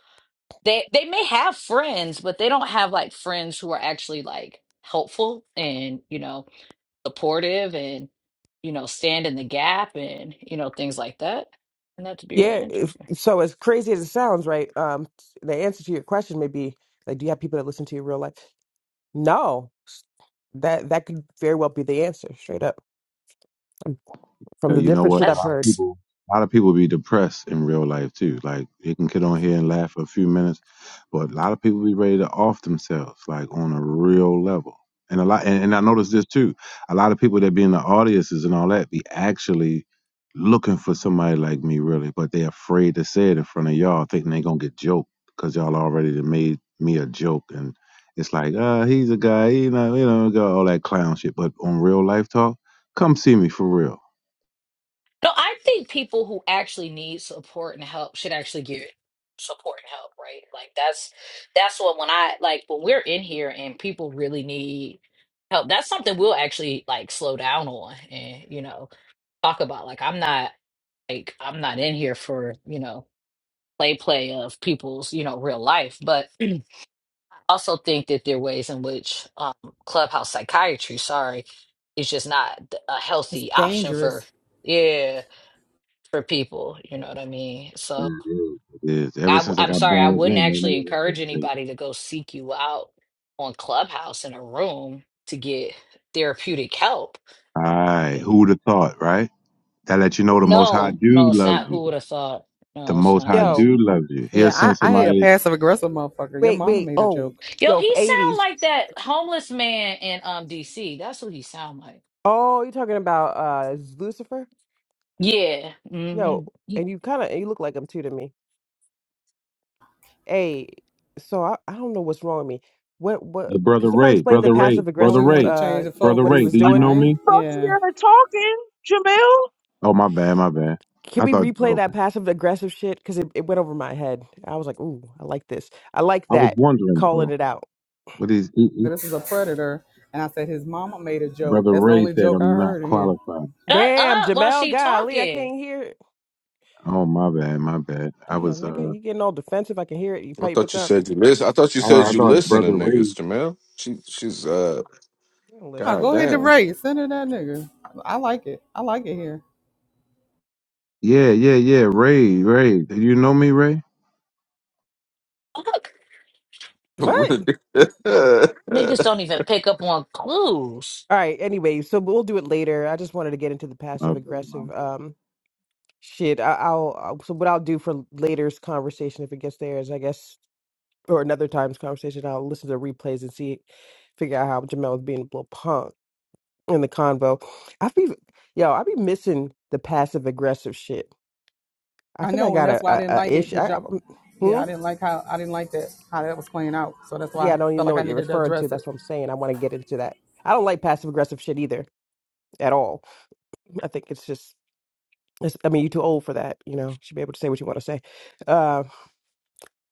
S5: they they may have friends, but they don't have like friends who are actually like helpful and, you know, supportive and, you know, stand in the gap and, you know, things like that. And that to be real
S1: Yeah. if-
S5: interesting.
S1: So as crazy as it sounds, right? Um, the answer to your question may be like, do you have people that listen to your real life? No, that that could very well be the answer, straight up from
S7: Yeah,
S1: the
S7: you know
S1: different
S7: what?
S1: shit
S7: A
S1: I've
S7: lot of
S1: heard.
S5: That's
S7: people, a lot of people be depressed in real life too. Like they can get on here and laugh for a few minutes, but a lot of people be ready to off themselves, like on a real level. And a lot, and, and I noticed this too. A lot of people that be in the audiences and all that be actually looking for somebody like me, really, but they afraid to say it in front of y'all, thinking they gonna get joked because y'all already done made me a joke and. It's like, uh, he's a guy, you know, you know, all that clown shit. But on real life talk, come see me for real
S5: No, I think people who actually need support and help should actually get support and help, right? Like that's that's what when I like when we're in here and people really need help, that's something we'll actually like slow down on and you know talk about. Like I'm not like I'm not in here for you know play play of people's you know real life, but I also think that there are ways in which um, clubhouse psychiatry, sorry, is just not a
S4: It's
S5: healthy option for.
S4: dangerous.
S5: Yeah for people. You know what I mean?
S7: It
S5: So
S7: is. It is. Ever
S5: I,
S7: since I
S5: am
S7: got
S5: sorry, I
S7: born
S5: wouldn't
S7: again, it
S5: actually
S7: ain't nothing
S5: encourage
S7: safe.
S5: anybody to go seek you out on Clubhouse in a room to get therapeutic help.
S7: All right. Who would have thought, right? That let you know the Most High
S5: No, no,
S7: dude
S5: it's
S7: loves
S5: not. Who
S7: you.
S5: would have thought?
S7: The
S5: No, it's
S7: Most
S5: not
S7: High
S5: Gus.
S1: Yo,
S7: dude loves you. He'll
S4: Yeah,
S7: send
S4: I, I hate a
S7: somebody,
S4: passive aggressive motherfucker. Your
S1: wait,
S4: mama
S1: wait.
S4: made a
S1: Oh,
S4: joke.
S5: Yo,
S1: yo, for
S5: he sound
S1: eighties.
S5: like that homeless man in um DC. That's what he sound like.
S1: Oh, you're talking about uh Lucifer?
S5: Yeah.
S1: Yo,
S5: Mm-hmm.
S1: and you kind of you look like him too to me. Hey, so I, I don't know what's wrong with me. What
S7: hey,
S1: what? Can
S7: Brother
S1: somebody
S7: Ray,
S1: explain the
S7: Brother Ray,
S1: passive
S4: Now
S7: Brother
S4: we
S1: aggressive?
S4: want to
S7: Ray,
S1: Uh,
S4: change the
S7: Brother
S1: what he
S7: Ray,
S4: focus,
S1: was
S7: do you
S1: doing?
S7: know
S4: right?
S7: me?
S4: Yeah.
S2: talking, talking, Jamil.
S7: Oh, my bad, my bad.
S1: Can
S7: I
S1: we
S7: thought,
S1: replay
S7: okay.
S1: that passive aggressive shit? Because it, it went over my head. I was like, ooh, I like this. I like
S7: I was
S1: that.
S7: wondering,
S1: Calling
S7: though,
S1: it out.
S7: what is, he,
S4: But
S7: he-
S4: this is a predator. And I said his mama made a joke.
S7: Brother
S4: That's the
S7: Ray
S4: only
S7: said
S4: joke I
S7: I'm not
S4: heard in here.
S7: qualified.
S5: Shut
S1: Damn,
S5: up while
S1: Jamel,
S5: she
S1: golly, I
S5: talking.
S1: can't hear it.
S7: Oh, my bad, my bad. I
S1: Damn,
S7: was, uh,
S1: nigga,
S7: oh,
S1: you getting all defensive. I can hear it. You
S6: I
S1: pipe it
S6: thought you
S1: up.
S6: said you listen. I thought you said
S7: I
S6: you
S7: thought
S6: listen to
S7: Brother
S6: niggas,
S7: Ray.
S6: Jamel. She she's uh
S1: You don't
S4: Oh,
S1: listen to
S4: go ahead to
S1: shit,
S6: goddamn.
S1: boy.
S4: Ray. Send her that nigga. I like it. I like it here.
S7: Yeah, yeah, yeah, Ray, Ray. Do you know me, Ray?
S5: Fuck.
S6: *laughs*
S1: What?
S5: Niggas don't even pick up on clues.
S1: All right, anyway, so we'll do it later. I just wanted to get into the passive
S7: Okay,
S1: aggressive um shit. I, I'll, I'll, so what I'll do for later's conversation, if it gets there, is I guess, or another time's conversation, I'll listen to the replays and see, figure out how Jamel was being a little punk. in the convo. I be yo, I be missing the passive aggressive shit. I
S4: I
S1: think I
S4: know, and
S1: got a,
S4: that's why I
S1: a,
S4: didn't
S1: a
S4: like it
S1: issue.
S4: because
S1: I, I,
S4: y'all, yeah,
S1: hmm.
S4: I didn't like how I didn't like that how that was playing out. So that's why
S1: Yeah,
S4: I
S1: I don't
S4: felt
S1: even know
S4: like I
S1: what you're
S4: needed to
S1: referring to.
S4: address it.
S1: That's what I'm saying. I want to get into that. I don't like passive aggressive shit either at all. I think it's just. It's, I mean, you're too old for that. You know, you should be able to say what you want to say. Uh,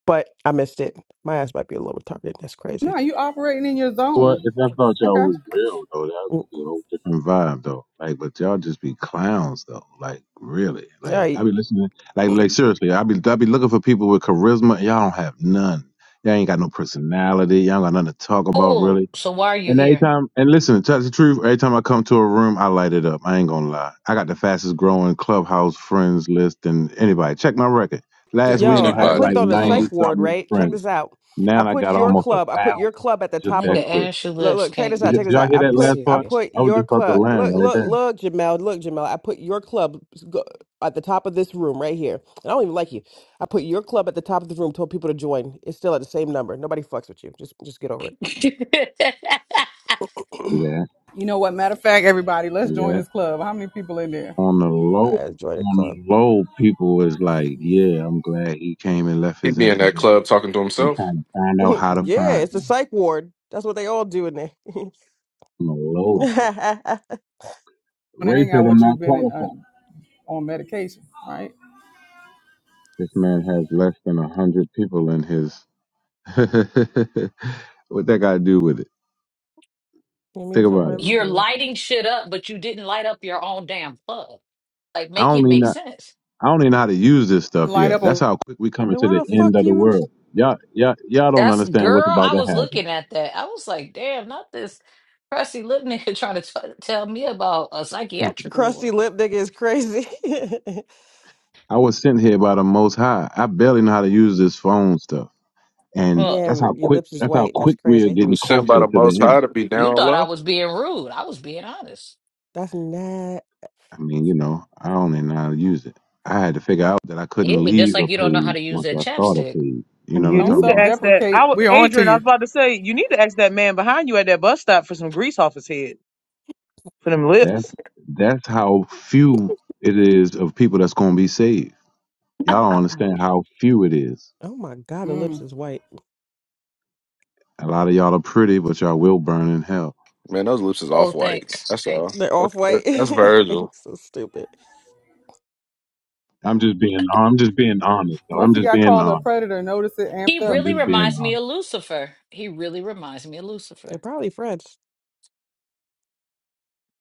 S1: but I missed it. My ass might be a little retarded. That's
S4: No,
S1: crazy.
S4: you operating in your
S7: Well,
S4: zone.
S7: if I thought
S4: I
S7: y'all
S4: got
S7: was
S4: you.
S7: real though, that would
S1: Mm.
S7: be a whole different vibe though. Like, but y'all just be clowns though. Like, really?
S1: All
S7: Like,
S1: right.
S7: I be listening. Like, like seriously, I be I be looking for people with charisma. Y'all don't have none. Y'all ain't got no personality. Y'all ain't got nothing to talk about
S5: Oh,
S7: really.
S5: so why are you
S7: And every
S5: here?
S7: time, and listen, to tell the truth, every time I come to a room, I light it up. I ain't gonna lie. I got the fastest growing clubhouse friends list than anybody. Check my record. Last
S6: than
S7: week I
S1: Yo, I
S7: had
S6: anybody.
S1: clicked
S7: like
S1: on the
S6: Hmm.
S1: psych
S7: ninety
S1: ward,
S7: something
S1: right? Check
S7: friends.
S1: this out. I
S7: Now I
S1: put
S7: got
S1: your
S7: almost a
S1: club. I put
S7: thousand
S1: your club at the
S7: just
S1: top
S7: that
S1: of.
S5: Nigga,
S7: quick.
S5: Ashy
S1: Look,
S5: Lips
S1: look, check this
S5: can't
S7: Did,
S1: out.
S7: y-
S1: Check
S5: be
S7: did
S1: this
S7: y'all
S1: out.
S7: hear
S1: I
S7: that
S5: be
S1: put,
S7: last
S1: I
S7: part?
S5: serious.
S1: put
S7: I was
S1: your
S7: just about to
S1: club.
S7: land
S1: Look,
S7: right
S1: look,
S7: there.
S1: look, Jamel. Look, Jamel. I put your club go- at the top of this room right here. And I don't even like you. I put your club at the top of the room. Told people to join. It's still at the same number. Nobody fucks with you. Just, just get over it.
S5: *laughs*
S7: See
S1: *clears throat*
S7: that?
S4: You know what? Matter of fact, everybody, let's
S7: See
S4: join
S7: that?
S4: this club. How many people in there
S7: On the low,
S1: I joined a
S7: on
S1: club.
S7: the low, people was like, "Yeah, I'm glad he came and left
S6: He
S7: his
S6: be in that
S7: information."
S6: club talking to
S7: They're
S6: himself.
S7: trying to find
S1: *laughs*
S7: out how to
S1: yeah,
S7: find
S1: it's the
S7: him.
S1: psych ward. That's what they all do in there. *laughs* *laughs*
S7: On the low, though,
S1: you
S4: want to
S7: Ray
S4: hang
S7: said,
S4: out
S7: "I'm
S4: with you?
S7: not
S4: Been in, uh,
S7: qualified."
S4: on medication, right?
S7: This man has less than a hundred people in his. *laughs* what that got to do with it?
S1: mean
S7: Think about
S1: somebody
S7: it.
S5: You're
S1: listening?
S5: lighting shit up, but you didn't light up your own damn plug. Like,
S7: I
S5: make
S7: don't
S5: it
S7: even
S5: make
S7: know.
S5: sense.
S7: I don't even know how to use this stuff
S4: Light
S7: yet.
S4: up
S7: That's
S4: a.
S7: how quick we coming
S1: Then
S7: to
S1: why
S7: the
S1: the fuck
S7: end of the
S1: you?
S7: world. Y'all, y'all, y'all don't
S5: That's
S7: understand what's
S5: girl.
S7: about
S5: I
S7: to
S5: was
S7: happen.
S5: looking at that. I was like, damn, not this crusty lip nigga *laughs* trying to t- tell me about a psychiatric
S1: Crusty
S5: ward.
S1: lip nigga is crazy. *laughs*
S7: I was sent here by the Most High. I barely know how to use this phone stuff, and
S5: Well,
S7: that's how
S1: Damn, your
S7: quick.
S1: lips is
S7: That's how
S1: white. That's
S7: quick we are
S1: crazy.
S6: He
S7: getting
S6: was sent by
S7: closer
S6: the
S7: to the
S6: Most
S7: end.
S6: High to be
S5: you
S6: down
S5: thought I
S6: low.
S5: was being rude. I was being honest.
S1: That's not.
S7: I mean, you know, I don't even know how to use it. I had to figure out that I couldn't
S5: Yeah, just
S7: leave
S5: like
S7: a
S5: you don't know how
S7: page
S5: to use
S7: once
S5: that
S7: I start a
S5: chapstick.
S7: page. You know what
S2: You
S7: I'm
S4: Don't
S7: talking
S2: need to
S7: about?
S2: ask that.
S4: self-deprecate.
S2: I was,
S4: We're on to
S2: Adrian, I was
S4: you.
S2: about to say, you need to ask that man behind you at that bus stop for some grease off his head for them lips.
S7: That's that's how few it is of people that's gonna be saved. Y'all don't understand how few it is.
S1: Oh my god, the lips
S4: Mm.
S1: is white.
S7: A lot of y'all are pretty, but y'all will burn in hell.
S6: Man, those lips is
S5: Oh,
S6: off white.
S5: thanks.
S6: That's all.
S1: They're off
S6: That's
S1: white.
S6: that's
S1: *laughs*
S6: Virgil.
S1: so stupid.
S7: I'm just being. I'm just being honest. though. I'm
S4: Once he
S7: just
S4: got
S7: being
S4: called a
S7: honest.
S4: predator, notice it
S5: He
S4: amped
S7: I'm
S4: up
S5: really
S7: just being
S5: reminds
S7: honest.
S5: me of Lucifer. He really reminds me of Lucifer.
S1: They're probably French.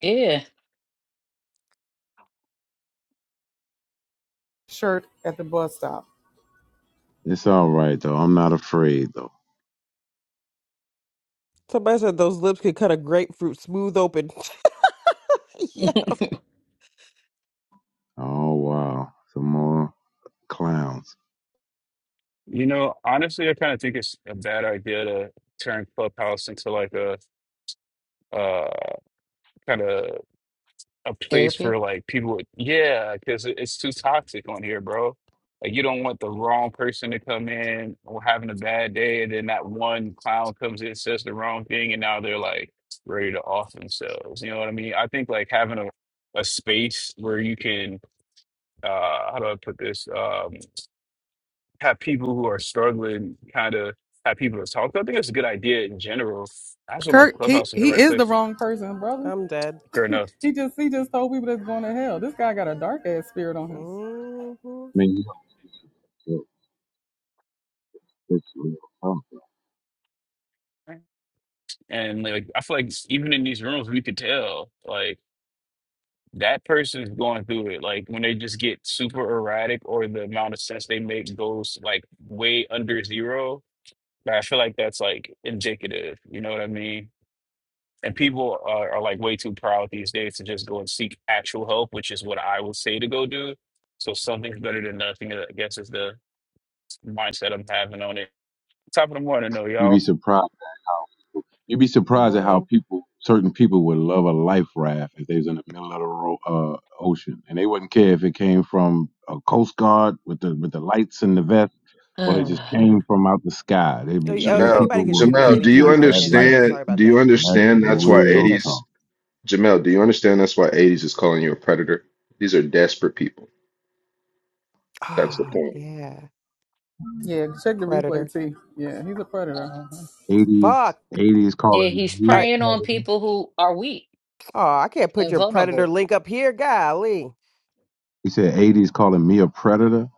S5: Yeah.
S4: shirt at the bus stop.
S7: It's all right though. I'm not afraid though.
S1: Somebody said those lips could cut a grapefruit smooth open. *laughs* yeah,
S7: Oh wow, some more clowns.
S8: You know, honestly, I kind of think it's a bad idea to turn Clubhouse into like a uh kind of a place for
S5: Therapy? *sighs*
S8: like people with, yeah, because it's too toxic on here, bro. Like you don't want the wrong person to come in or having a bad day, and then that one clown comes in, says the wrong thing, and now they're like ready to off themselves. You know what I mean? I think like having a a space where you can uh how do I put this? um. have people who are struggling kind of have people to talk to. I think it's a good idea in general. I just don't know if
S4: Kirk, he,
S8: Clubhouse is the
S4: he
S8: right
S4: is the
S8: place.
S4: wrong person, brother.
S1: I'm dead.
S8: Fair enough.
S4: He just he just told people that's going to hell. This guy got a dark ass spirit on him.
S1: hmm
S7: Man, you don't get this real stuff. though.
S8: And like I feel like even in these rooms we could tell like that person is going through it. Like when they just get super erratic or the amount of sense they make goes like way under zero. Like, I feel like that's like indicative. You know what I mean? And people are, are like way too proud these days to just go and seek actual help, which is what I would say to go do. So something's better than nothing, I guess is the mindset I'm having on it. Top of the morning, though,
S7: You
S8: y'all.
S7: be surprised. You'd be
S1: Good
S7: surprised at how
S1: morning.
S7: people, certain people, would love a life raft if they was in the middle of the ro- uh, ocean, and they wouldn't care if it came from a coast guard with the with the lights and the vest, or they just
S5: Mhm.
S7: came from out the sky. They,
S1: Oh,
S7: be-
S1: y- oh,
S7: they
S6: Jamel,
S1: anybody
S7: people
S1: can
S7: will
S1: shoot him at
S6: Jamel,
S1: any
S6: do you
S7: appreciate
S1: time. I'll
S7: that
S1: change the
S7: life
S1: setting.
S6: understand?
S7: raft.
S1: Sorry about
S6: Do you
S1: that.
S7: That's
S6: understand
S1: I
S6: that's
S1: was
S6: why
S1: not paying
S7: real
S1: attention.
S6: 80s,
S7: talk.
S6: Jamel, do you understand that's why 80s is calling you a predator? These are desperate people. That's the
S1: Ah,
S6: point.
S1: yeah.
S4: Yeah, check the replay,
S1: Predator.
S4: T. Yeah, he's a predator.
S7: 80s,
S1: Fuck.
S7: 80s
S5: Yeah,
S7: calling.
S5: he's
S1: All right.
S7: real
S5: preying on
S7: talk.
S5: people who are weak
S1: Oh, I can't put
S5: and
S1: your predator
S5: vulnerable.
S1: link up here. Golly.
S7: He said '80s calling me a predator.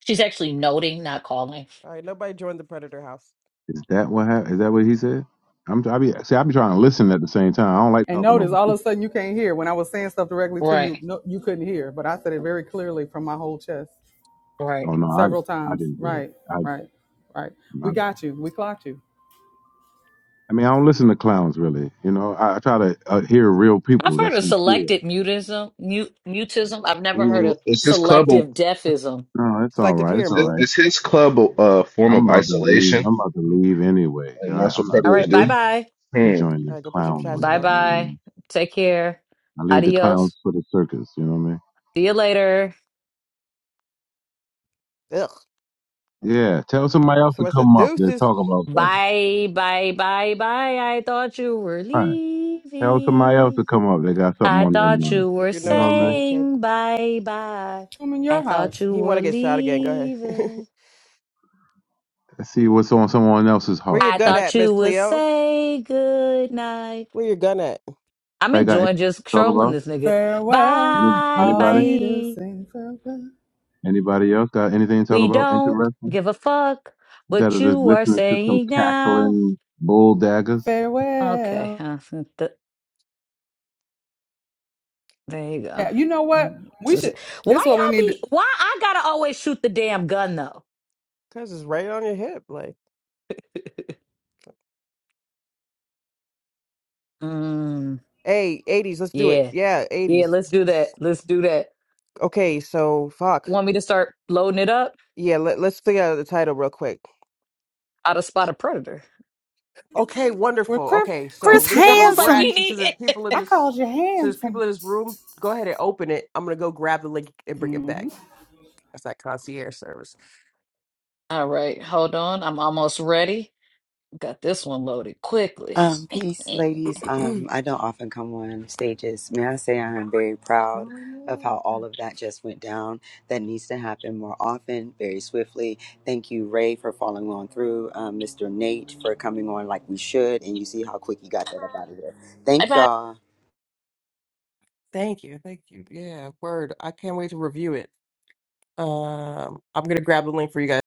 S5: She's actually noting, not calling.
S1: All right, nobody joined the predator house.
S7: Is that what hap- Is that what he said? I'm I be see I be trying to listen at the same time. I don't like
S4: And
S7: talking
S4: notice,
S7: over
S4: all of
S7: people.
S4: a sudden, you can't hear. When I was saying stuff directly to you,
S5: Right,
S4: no, you couldn't hear. But I said it very clearly from my whole chest
S7: Oh
S5: right.
S7: no,
S4: several
S7: I I
S4: times.
S7: didn't hear it.
S4: Right,
S7: I
S4: right, right.
S7: I,
S4: We got you. We clocked you.
S7: I mean I don't listen to clowns really. You know I, I try to uh, hear real
S5: I've
S7: people
S5: heard
S7: that's
S5: of
S7: sincere.
S5: selective mutism. Mute, mutism. I've never heard
S6: Mm,
S5: of
S6: It's his club. Of-
S5: selective deafism.
S7: No, it's all
S1: Selective
S7: right. It's
S6: It's
S1: hearing,
S7: all
S6: his,
S1: boo.
S7: right.
S6: it's his club Of, uh form
S7: I'm
S6: of
S7: about to leave.
S6: isolation,
S7: I'm about to leave anyway.
S6: and
S7: I,
S6: that's
S7: I'm
S6: what
S7: not
S5: All
S7: ready
S6: predators
S5: right, bye
S7: for,
S6: do.
S5: bye.
S7: to
S6: Hmm.
S7: join
S1: All
S7: the
S1: right, go put your
S7: clown world.
S1: chapstick
S5: Bye
S1: on.
S5: bye.
S7: Mm.
S5: Take care.
S7: I leave the
S5: Adios.
S7: clowns for the circus. You know what I
S5: See you later.
S1: Ugh.
S7: mean? Yeah. Tell somebody else to
S1: So I said,
S7: come up. They're
S1: deuces.
S7: talking about something.
S5: Bye, bye, bye, bye. I thought you were
S7: Tell somebody else
S5: leaving.
S7: to come up. They got something
S5: I
S1: Keep
S7: on
S1: your,
S7: their
S5: thought
S7: mind.
S5: you
S1: keep
S5: were
S1: your
S7: You know
S1: nose
S7: what I mean?
S1: clean, kid.
S5: saying bye bye.
S4: I'm in
S5: I
S4: your
S5: thought
S4: house.
S5: you
S1: He want
S5: were
S1: to get shot again. Go ahead. *laughs*
S5: leaving.
S7: Let's see what's on someone else's
S1: Where
S7: heart.
S1: your
S5: I
S1: gun
S7: That's-
S5: thought
S1: at,
S5: you
S1: Miss
S5: would
S1: Cleo?
S5: say good night.
S1: Where your gun at?
S5: I'm
S7: Anybody got
S5: enjoying
S7: anything
S5: just
S7: to talk
S5: trolling
S7: about?
S5: this nigga.
S4: Farewell,
S7: Any,
S5: Bye
S7: anybody?
S4: Avita,
S5: bye.
S4: sing farewell.
S7: Anybody else got anything to talk
S5: We
S7: about?
S5: don't
S7: Interesting?
S5: give a fuck
S7: Instead
S5: what
S7: of just
S5: you are
S7: listening to some
S5: saying now.
S7: cackling bull daggers.
S5: Okay, *laughs*
S4: Farewell.
S5: uh, th- th- there you go.
S4: Yeah, you know what?
S5: Mm,
S4: We
S5: so- so-
S4: should.
S5: Why
S4: This is what we
S5: y'all
S4: need. To,
S5: be? Why I gotta always shoot the damn gun though?
S1: Cause it's right on your hip. Like,
S5: *laughs* Mm,
S1: hey, 80s, let's do it.
S5: yeah,
S1: Yeah, 80s.
S5: yeah. Let's do
S1: It's-
S5: that. Let's do that.
S1: Okay, so fuck.
S5: want me to start loading it up,
S1: Yeah, let, let's figure out the title real quick.
S5: I'd have spot a predator.
S1: Okay,
S4: we're
S1: wonderful.
S4: Chris.
S1: Okay,
S5: *laughs* I
S4: Chris
S1: so this is where
S5: was
S1: we're
S5: like, we
S4: handsome.
S1: actually
S5: need
S1: since there's people in
S5: it.
S4: I
S1: this
S4: called you
S1: so there's people
S4: handsome.
S1: in this room. Go ahead and open it. I'm gonna go grab the link and bring it back.
S4: hmm
S1: That's that concierge service.
S5: *laughs* All right, hold on. I'm almost ready. Got this one loaded quickly.
S9: Um,
S5: *laughs*
S9: peace,
S5: Bye
S9: ladies.
S1: *clears throat*
S9: Um,
S1: oh,
S9: I don't often come on stages. May I say I am very proud of
S1: yeah.
S9: how all of that just went down. That needs to happen more often, very swiftly. Thank you, Ray, for following on through. Um, Mr. Nate for coming on like we should, and you see how quick you got that up out of there. Thank
S5: bye.
S9: y'all.
S1: Thank you, thank you. Yeah, word. I can't wait to review it. Um, I'm gonna grab the link for you guys.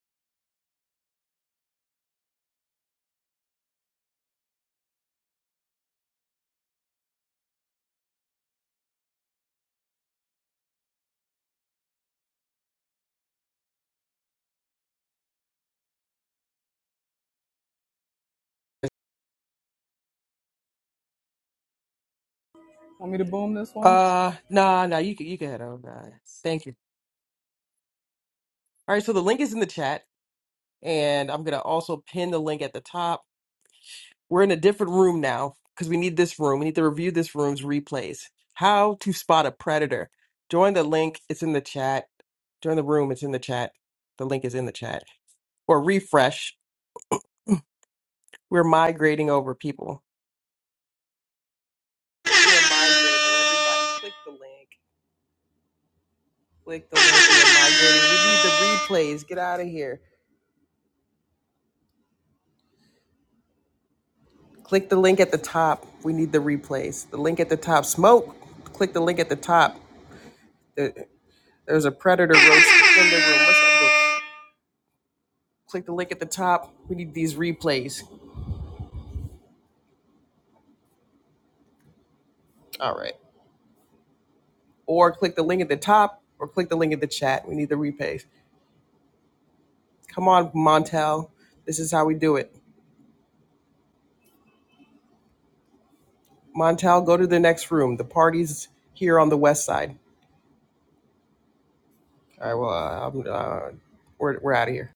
S4: Want me to boom this one?
S1: Uh, nah, nah. You can you can head on. Nah. Thank you. All right, so the link is in the chat, and I'm gonna also pin the link at the top. We're in a different room now because we need this room. We need to review this room's replays. How to spot a predator. Join the link. It's in the chat. Join the room. It's in the chat. The link is in the chat. Or refresh. We're migrating over people. We're migrating. Everybody click the link. Click the link. We are migrating. We need the replays. Get out of here. Click the link at the top. We need the replays. The link at the top. Smoke. Click the link at the top. There- There's a predator roach in the room. What's up, click the link at the top. We need these replays. All right. Or click the link at the top or click the link at the chat. We need the replays. Come on, Montel. This is how we do it. Montel, go to the next room. The party's here on the west side. All right. Well, uh, I'm, uh, we're, we're out of here.